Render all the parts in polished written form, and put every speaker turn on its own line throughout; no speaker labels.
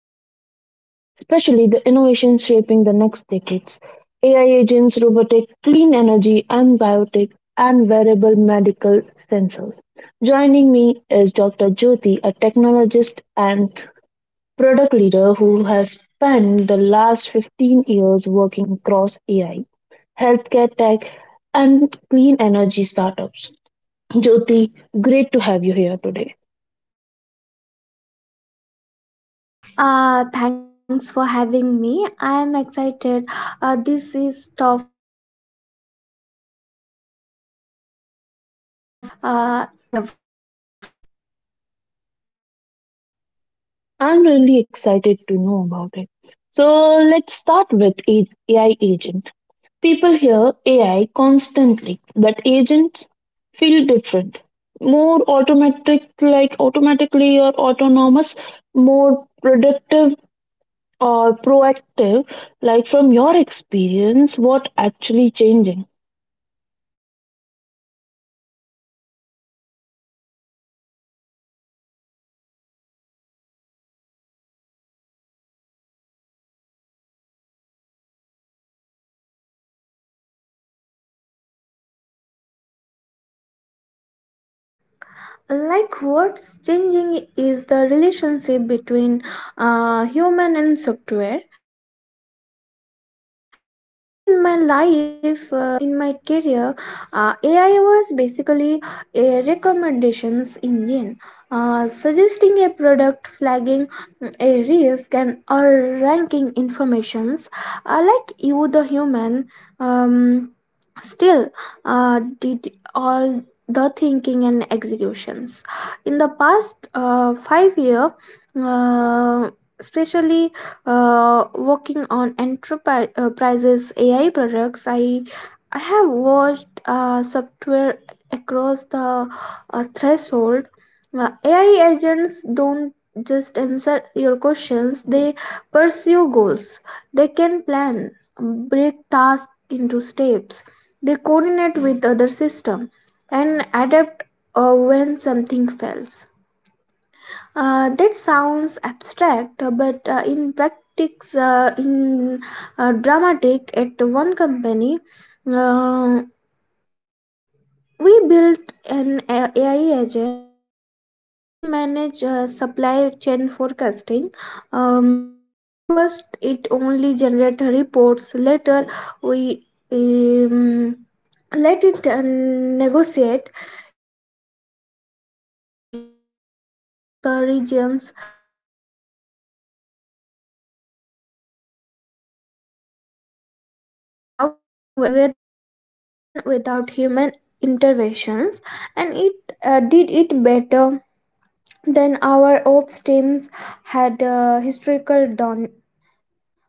in the future, especially the innovations shaping the next decades: AI agents, robotic, clean energy, and biotech, and wearable medical sensors. Joining me is Dr. Jyoti, a technologist and product leader who has spent the last 15 years working across AI, healthcare tech, and clean energy startups. Jyoti, great to have you here today.
Thanks for having me. I am excited. This is stuff I think uh, about every day.
I'm really excited to know about it. So let's start with AI agent. People hear AI constantly, but agents feel different. More automatic, like automatically or autonomous, more productive or proactive. Like from your experience, what actually changing?
Mm, like what's changing is the relationship between human and software. Uh, Early in my life in my career ai was basically a recommendations engine, suggesting a product, flagging a risk and or ranking informations, like you the human um, still did all the thinking and executions in the past 5 year, uh, especially working on enterprises AI products. I have watched software across the threshold. AI agents don't just answer your questions; they pursue goals. They can plan, break tasks into steps. They coordinate with other systems and adapt when something fails. That sounds abstract, but in practice, in dramatic. At one company, uh, we built an AI agent to manage supply chain forecasting. At first, it only generated reports. Later, we um, let it negotiate inventory levels across the regions that automatically. I remember at first time it routed a shipment during a weather disruption without human interventions, and it did it better than our ops teams had historical done.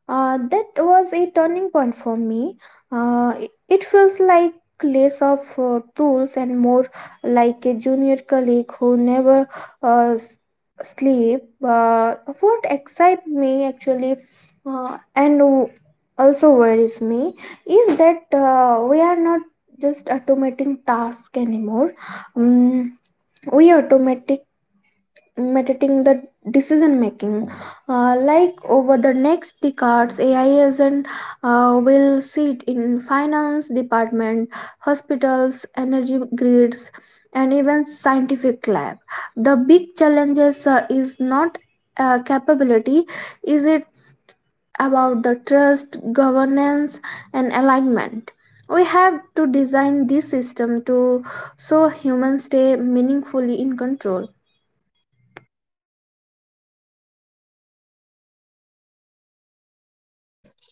That was a turning point for me. It feels like less of tools and more like a junior colleague who never uh, s- sleep. What excites me actually uh, and w- also worries me is that we are not just automating tasks anymore. Um, we automatic mediating the decision making. Like over the next decades, ai agent will sit in finance department, hospitals, energy grids, and even scientific lab. The big challenges is not capability, is it's about the trust, governance, and alignment. We have to design this system to so humans stay meaningfully in control.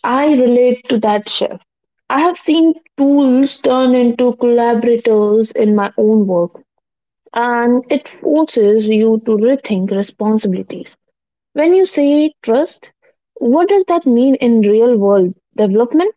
I relate to that shift. I have seen tools turn into collaborators in my own work, and it forces you to rethink responsibilities. When you say trust, what does that mean in real world development?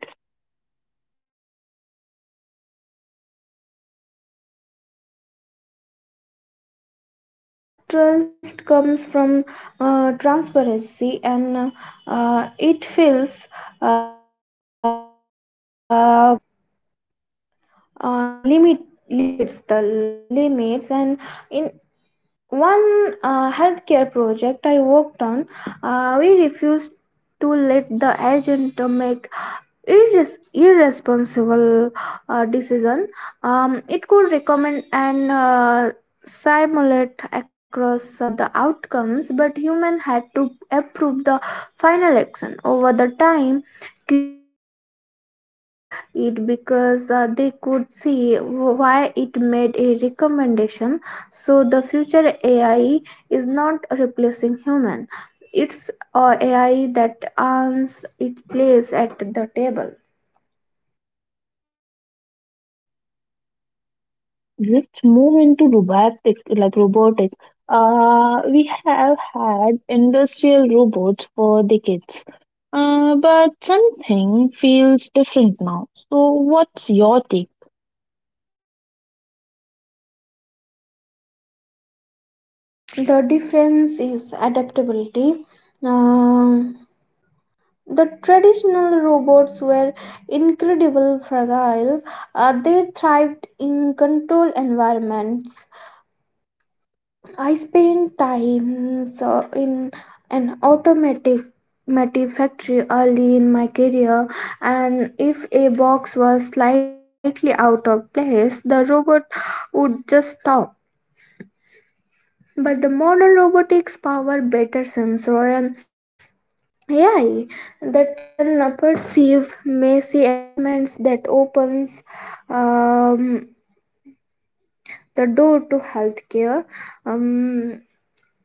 I like trust comes from transparency and it feels uh, uh, limit limits, and in one healthcare project I worked on, we refused to let the agent make irresponsible decision. Um, it could recommend and simulate across the outcomes, but human had to approve the final action. Over the time, clinicals trusted it because they could see why it made a recommendation. So the future AI is not replacing human; it's or AI that earns its place at the table.
Let's move into robotic, like robotic. We have had industrial robots for decades, but something feels different now. So, what's your take?
The difference is adaptability. Um, the traditional robots were incredibly fragile. They thrived in controlled environments. I spent time so in an automatic automotive factory early in my career, and if a box was slightly out of place the robot would just stop. But the modern robotics power better sensor and AI that can perceive messy environments. That opens um, the door to healthcare, um,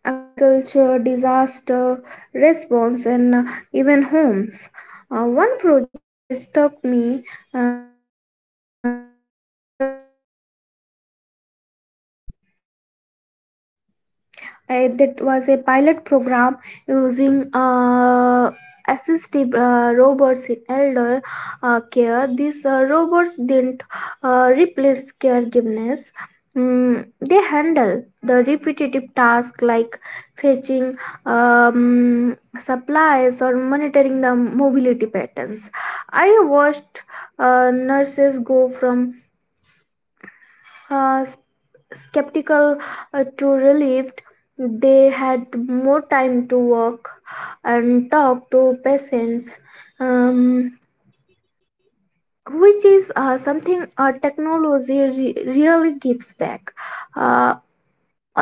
agriculture, disaster response, and even homes. One project that struck me was a pilot program using that was a pilot program using assistive robots in elder care. These robots didn't replace caregivers. They handle the repetitive tasks like fetching supplies or monitoring the mobility patterns. I watched nurses go from uh, skeptical to relieved. They had more time to work and talk to patients, um, which is something technology really gives back. Uh,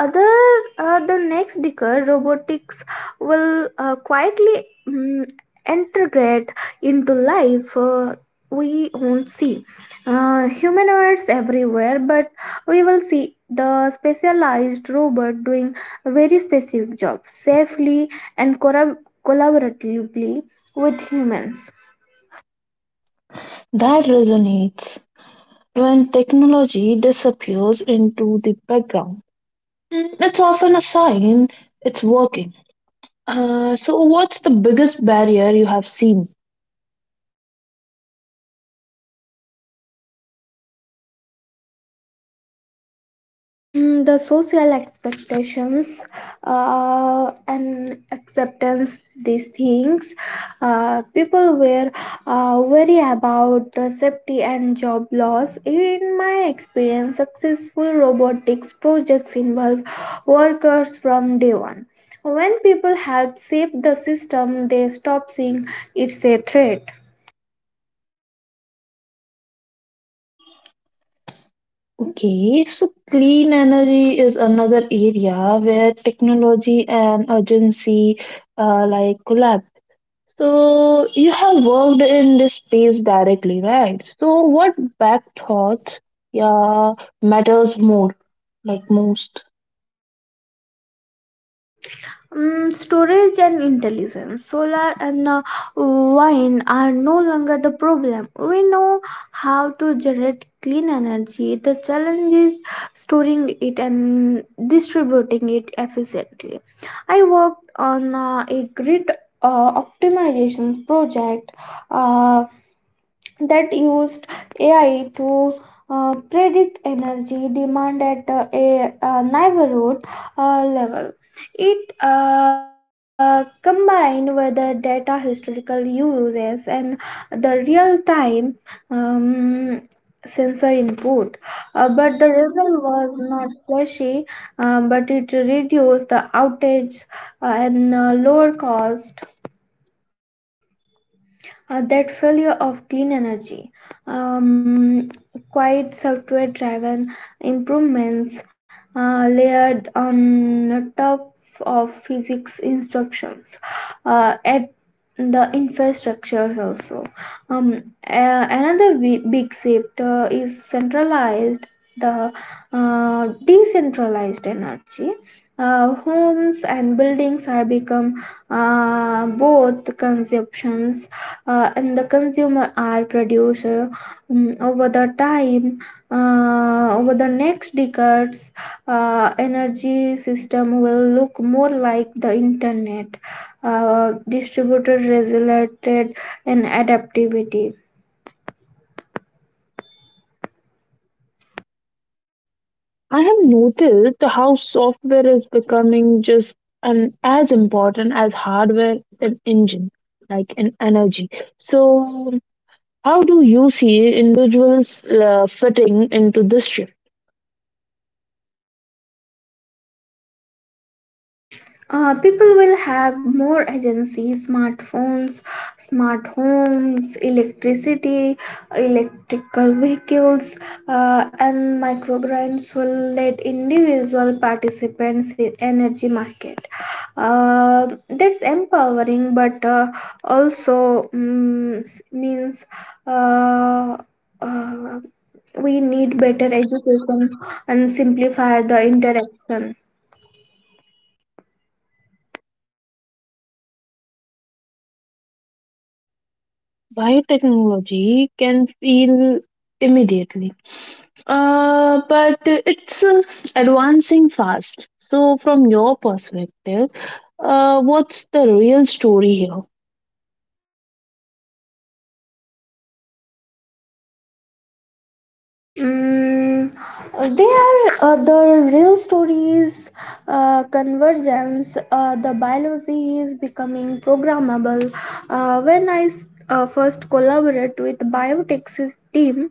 other The next decade robotics will quietly integrate into life. We won't see humanoids everywhere, but we will see the specialized robot doing very specific jobs safely and collaboratively with humans.
That resonates. When technology disappears into the background, It's often a sign it's working. So, what's the biggest barrier you have seen?
The social expectations and acceptance these things, people were worry about safety and job loss. In my experience, successful robotics projects involve workers from day 1. When people help shape the system, they stop seeing it's a threat.
Okay, so clean energy is another area where technology and urgency like collab. So, you have worked in this space directly, right? So, what back thoughts, yeah, matters more, like most?
Storage and intelligence. Solar and wind are no longer the problem. We know how to generate clean energy. The challenge is storing it and distributing it efficiently. I worked on a grid optimizations project Uh, that used AI to predict energy demand at a neighborhood level. It combined with the data historical uses and the real time um, sensor input. But the result was not flashy, but it reduced the outage and lower cost. That failure of clean energy, um, quite software driven improvements layered on top of physics instructions at the infrastructure also. Another big shift is centralized the decentralized energy. Homes and buildings are become both consumptions and the consumer are produced over the time. Over the next decades, energy system will look more like the internet, distributed, regulated, and adaptivity.
I have noticed how software is becoming just an as important as hardware in engine, like in energy. So, how do you see individuals fitting into this shift?
People will have more agency. Smartphones, smart homes, electricity, electrical vehicles, and microgrids will let individual participants in energy market. That's empowering, but means uh, uh, we need better education and simplify the interaction.
Biotechnology can feel immediately, but it's advancing fast. So, from your perspective, what's the real story here?
They are the real stories convergence. The biology is becoming programmable. When I first collaborated with biotech's team,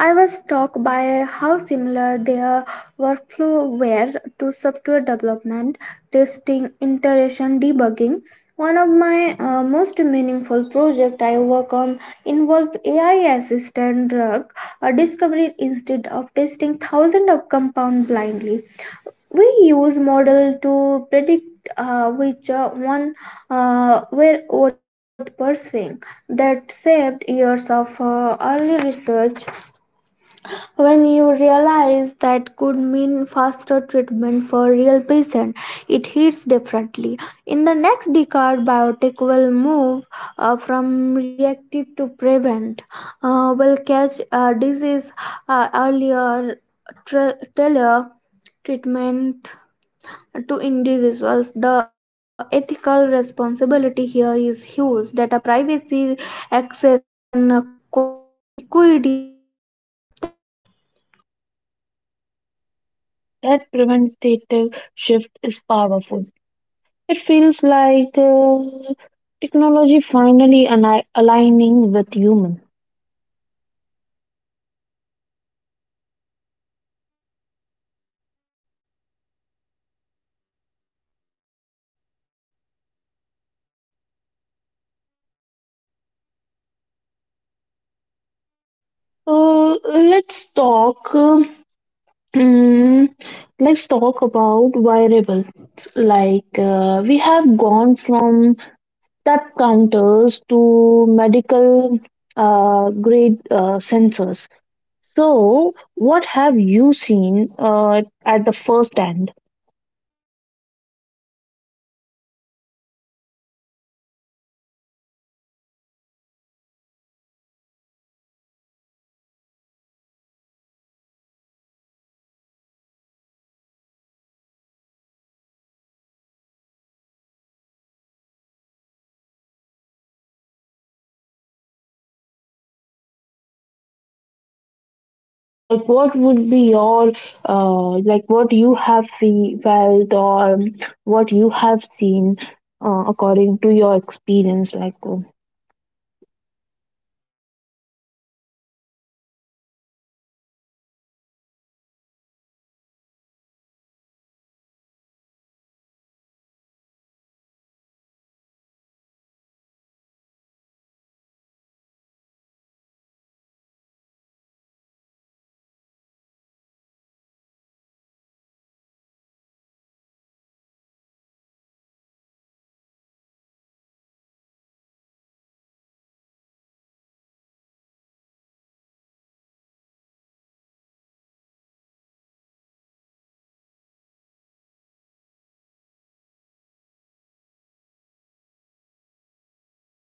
I was struck by how similar their workflow were to software development, testing, iteration, debugging. One of my most meaningful projects I work on involved AI-assisted drug discovery. Instead of testing thousands of compounds blindly, we use model to predict which one were worth pursuing. That saved years of early research. When you realize that could mean faster treatment for real patient, it hits differently. In the next decade, biotech will move from reactive to prevent. Will catch disease earlier, tailor treatment to individuals. The ethical responsibility here is huge: data privacy, access, and equity must keep the pace.
That preventative shift is powerful. It feels like technology finally aligning with human. Uh, let's talk. Mm, let's talk about variables. Like we have gone from tap counters to medical grade sensors. So, what have you seen at the first hand?
I have seen um, wearables change lives quietly. In one clinical trial, we used continuous glucose monitor paired with an AI analysis. The patient did not just get number; they got pattern insight. One participant
Like,
told
what would
me
be
it
your,
was first time they.
like, what you have felt or what you have seen according to your experience? Like,
Ah, yes, they got patterns inside. One participants told me it was the first time they understood uh, how their body actually respond to daily choices. In the next decades, will normalize continuous health monitoring. mm, Wearables will detect issues before the symptoms appears. The challenges is avoiding information overload and um,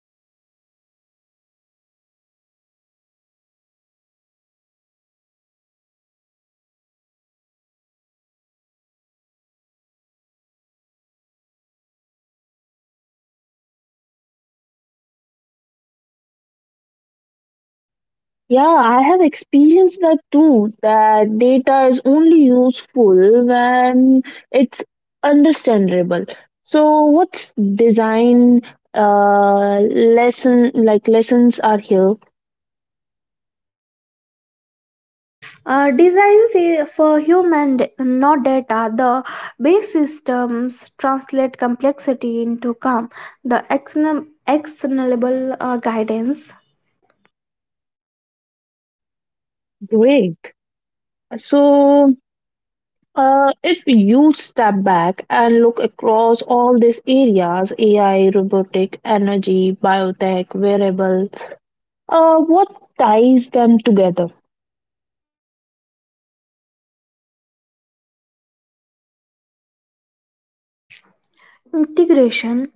overload um, and ensuring data is used to responsibly.
yeah, I have experienced that too, that data is only useful when it's understandable. So, what's design lesson, like, lessons are here?
Designs for human, not data. The base systems translate complexity into calm. The externalable guidance
Great. So, if you step back and look across all these areas — AI, robotic, energy, biotech, wearable — what ties them together?
integration.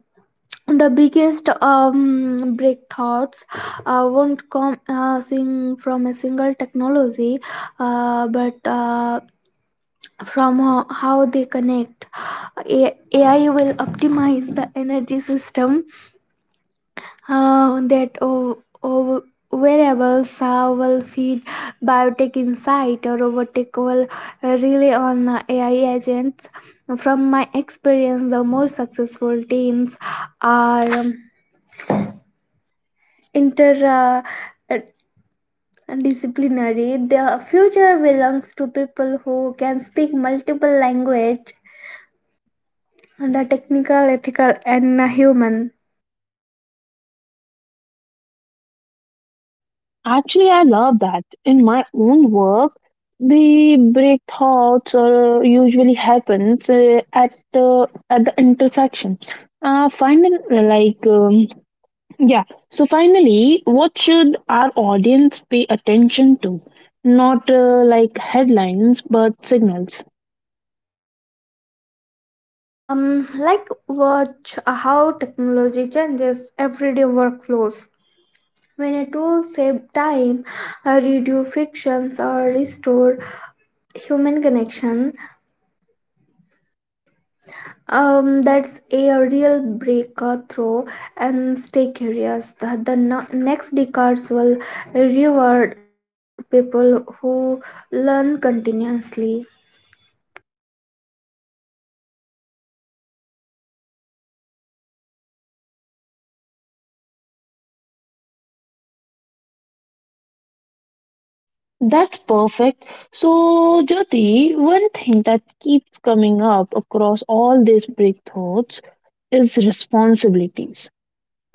The biggest breakthroughs won't come sing from a single technology, but from how they connect. AI will optimize the energy system uh, that o- o- variables will feed biotech insight, or robotic will rely on AI agents. From my experience, the more successful teams are inter. Uh, uh, Disciplinary, the future belongs to people who can speak multiple language: the technical, ethical, and human.
Actually, I love that. In my own work, the break thoughts usually happens at the intersection. Finding like yeah. So finally, what should our audience pay attention to? Not like headlines, but signals.
Like watch how technology changes everyday workflows. When a tool save time, reduce frictions, or restore human connection, that's a real breakthrough. And stay curious. The next decades will reward people who learn continuously.
That's perfect. So, Jyoti, one thing that keeps coming up across all these breakthroughs is responsibilities.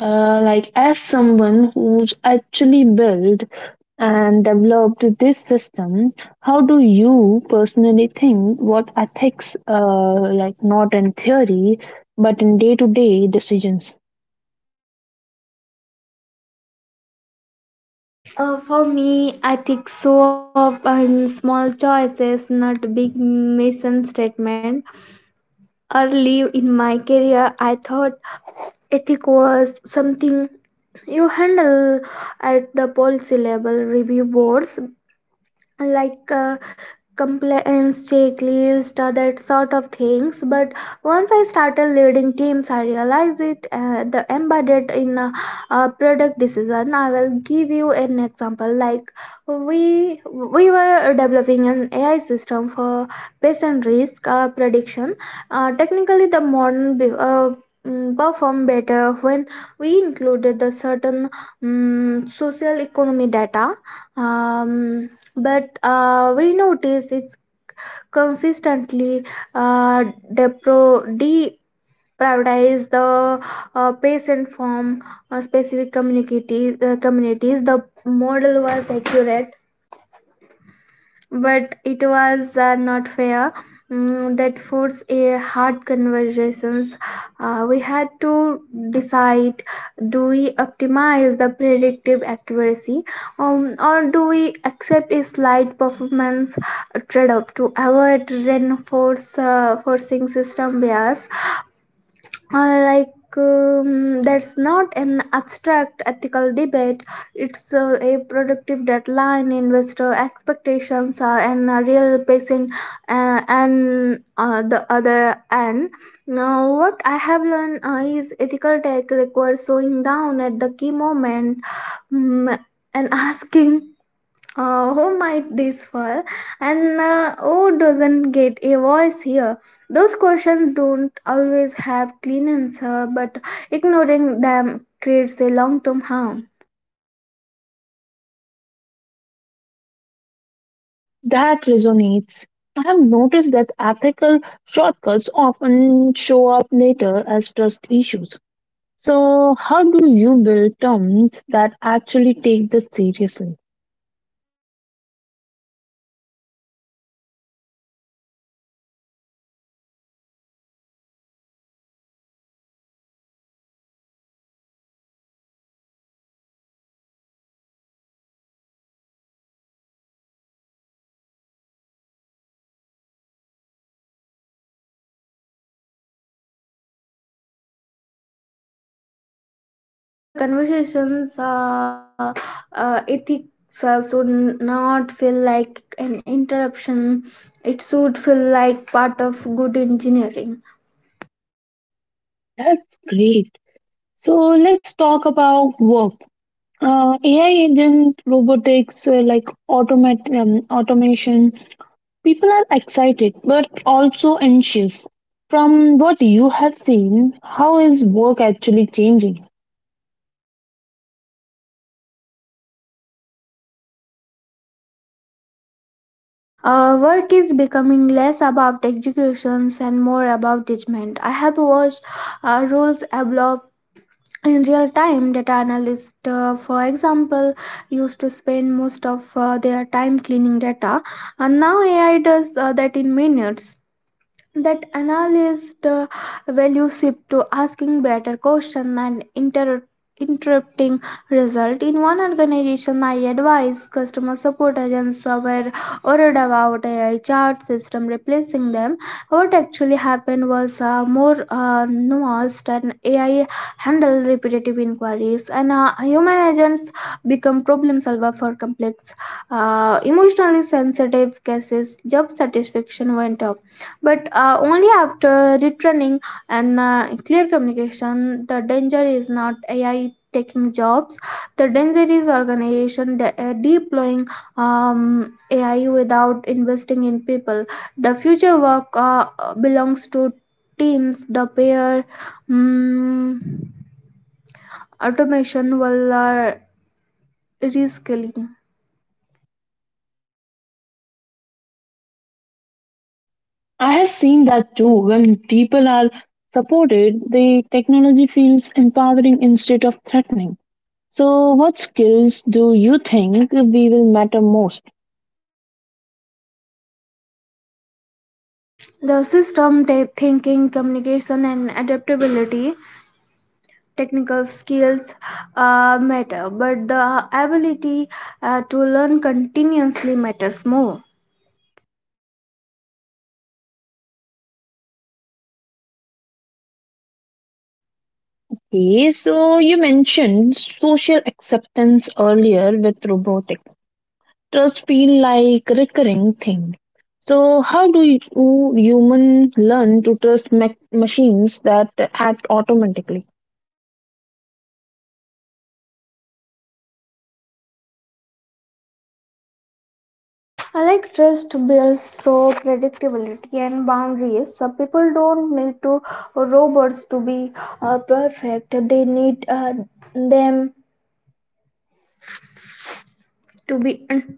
Like as someone who's actually built and developed this system, how do you personally think what ethics, like not in theory, but in day-to-day decisions?
For me, I think so up in small choices, not big mission statement. Early in my career, I thought ethic was something you handle at the policy level review boards, like compliance checklist or that sort of things. But once I started leading teams, I realized it the embedded in a, product decision. I will give you an example. Like we were developing an ai system for patient risk prediction. Technically, the model performed better when we included the certain social economy data, um, but we notice it's consistently uh, depro- deprioritize the patient from specific communities. The model was accurate but it was not fair. That forced a hard conversations. We had to decide, do we optimize the predictive accuracy, or do we accept a slight performance trade-off to avoid reinforce forcing system bias? uh, like that's not an abstract ethical debate, it's a productive deadline, investor expectations, and a real patient and the other end. Now what I have learned is ethical tech requires slowing down at the key moment, mm, and asking, who might this fall and who doesn't get a voice here? Those questions don't always have clean answer, but ignoring them creates a long-term harm.
That resonates. I have noticed that ethical shortcuts often show up later as trust issues. So, how do you build terms that actually take this seriously?
You normalize the conversations. Ethics should not feel like an interruption, it should feel like part of good engineering.
That's great. So, let's talk about work. AI agent, robotics, like automation, people are excited but also anxious. From what you have seen, how is work actually changing?
Work is becoming less about executions and more about judgment. I have watched roles evolve in real time. Data analysts, for example, used to spend most of their time cleaning data, and now AI does that in minutes. That analyst value shift to asking better question and interrupting result. In one organization I advised, customer support agents were worried about ai chat system replacing them. What actually happened was more nuanced, and ai handled repetitive inquiries and human agents become problem solver for complex emotionally sensitive cases. Job satisfaction went up, but only after retraining and clear communication. The danger is not ai taking jobs, the danger is organization deploying um, ai without investing in people. The future work belongs to teams the pair um, automation will reskilling.
I have seen that too. When people are supported, the technology feels empowering instead of threatening. So, what skills do you think we will matter most?
The system thinking, communication, and adaptability. Technical skills matter, but the ability to learn continuously matters more.
Okay, so you mentioned social acceptance earlier with robotics. Trust feel like recurring thing. So how do you human learn to trust machines that act automatically?
I like trust builds through predictability and boundaries. So people don't need to robots to be perfect, they need them to be un-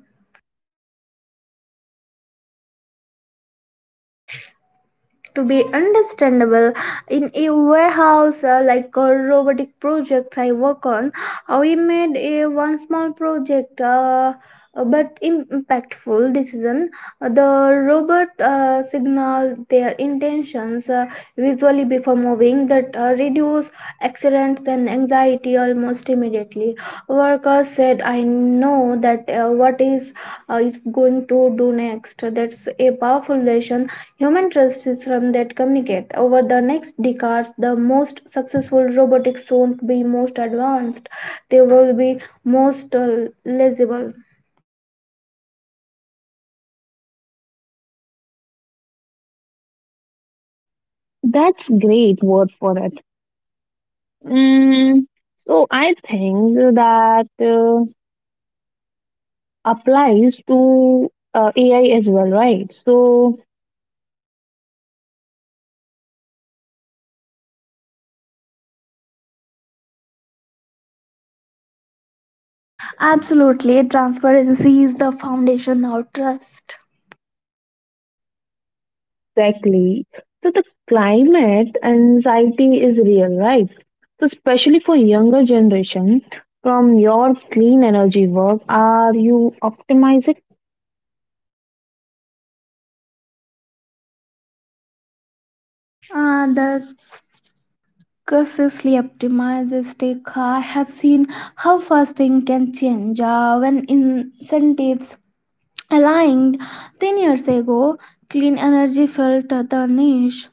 to be understandable. In a warehouse like a robotic projects I work on, we made a one small project, but impactful decision. The robot signaled their intentions visually before moving. That reduce accidents and anxiety almost immediately. Workers said, I know that what is it's going to do next. That's a powerful lesson. Human trust systems that communicate. Over the next decades, the most successful robotics won't be most advanced. They will be most legible.
That's great word for it. Mm, so I think that applies to AI as well, right? So
Absolutely, transparency is the foundation of trust.
exactly. So the climate anxiety is real, right? So especially for younger generation, from your clean energy work, are you optimizing?
The cautiously optimized take. I have seen how fast things can change when incentives aligned 10 years ago. Clean energy felt the niche.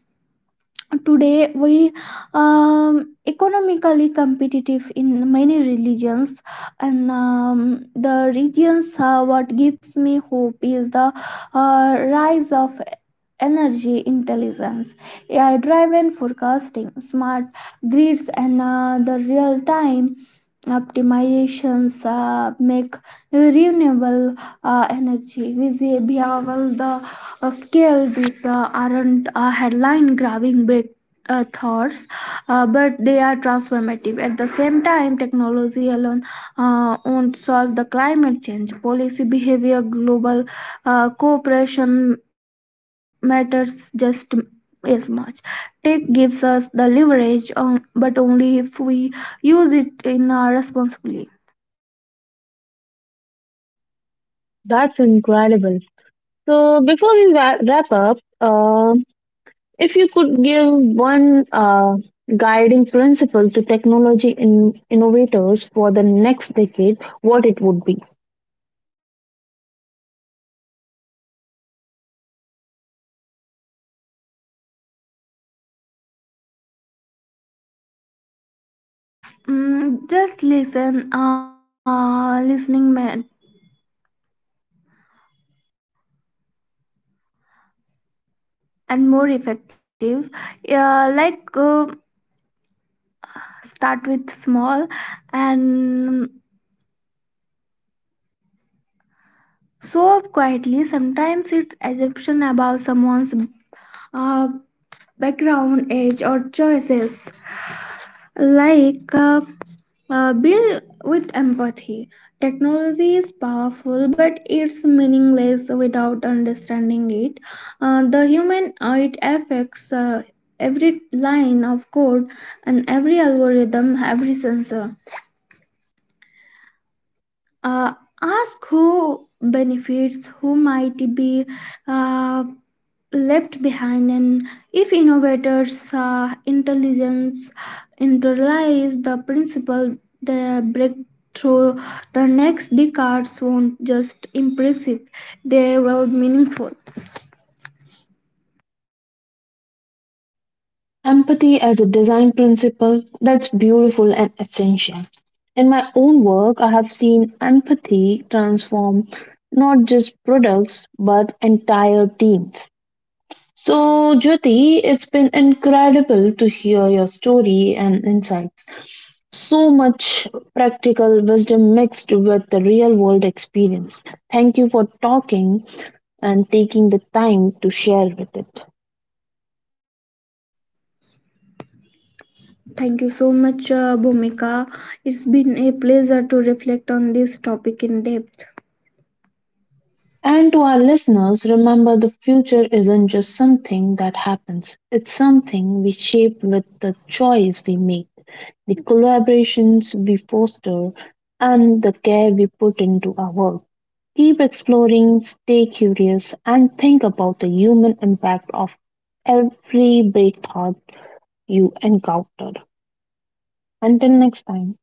Today, we economically competitive in many religions, and the regions. What gives me hope is the rise of energy intelligence, AI-driven forecasting, smart grids, and the real-time optimizations make renewable energy visible. The scale these aren't headline-grabbing breakthroughs thoughts, but they are transformative. At the same time, technology alone won't solve the climate change. Policy, behavior, global cooperation matters just as much. Tech gives us the leverage, on, but only if we use it in a responsibly.
That's incredible. So before we wrap up, if you could give one guiding principle to technology in innovators for the next decade, what it would be?
Just listen, listening man, and more effective. Yeah, like start with small, and so quietly, sometimes it's assumption about someone's uh, background, age, or choices. Like uh, Bill with empathy. Technology is powerful, but it's meaningless without understanding it. The human it affects every line of code and every algorithm, every sensor. Uh, Ask who benefits, who might be Uh, left behind. And if innovators intelligence internalize the principle, the breakthrough, the next decades won't just impressive, they will meaningful.
Empathy as a design principle, that's beautiful and essential. In my own work, I have seen empathy transform not just products but entire teams. So, Jyoti, it's been incredible to hear your story and insights. So much practical wisdom mixed with the real world experience. Thank you for talking and taking the time to share with it.
Thank you so much bhumika, it's been a pleasure to reflect on this topic in depth.
And to our listeners, remember the future isn't just something that happens, it's something we shape with the choice we make, the collaborations we foster, and the care we put into our work. Keep exploring, stay curious, and think about the human impact of every breakthrough you encounter. Until next time.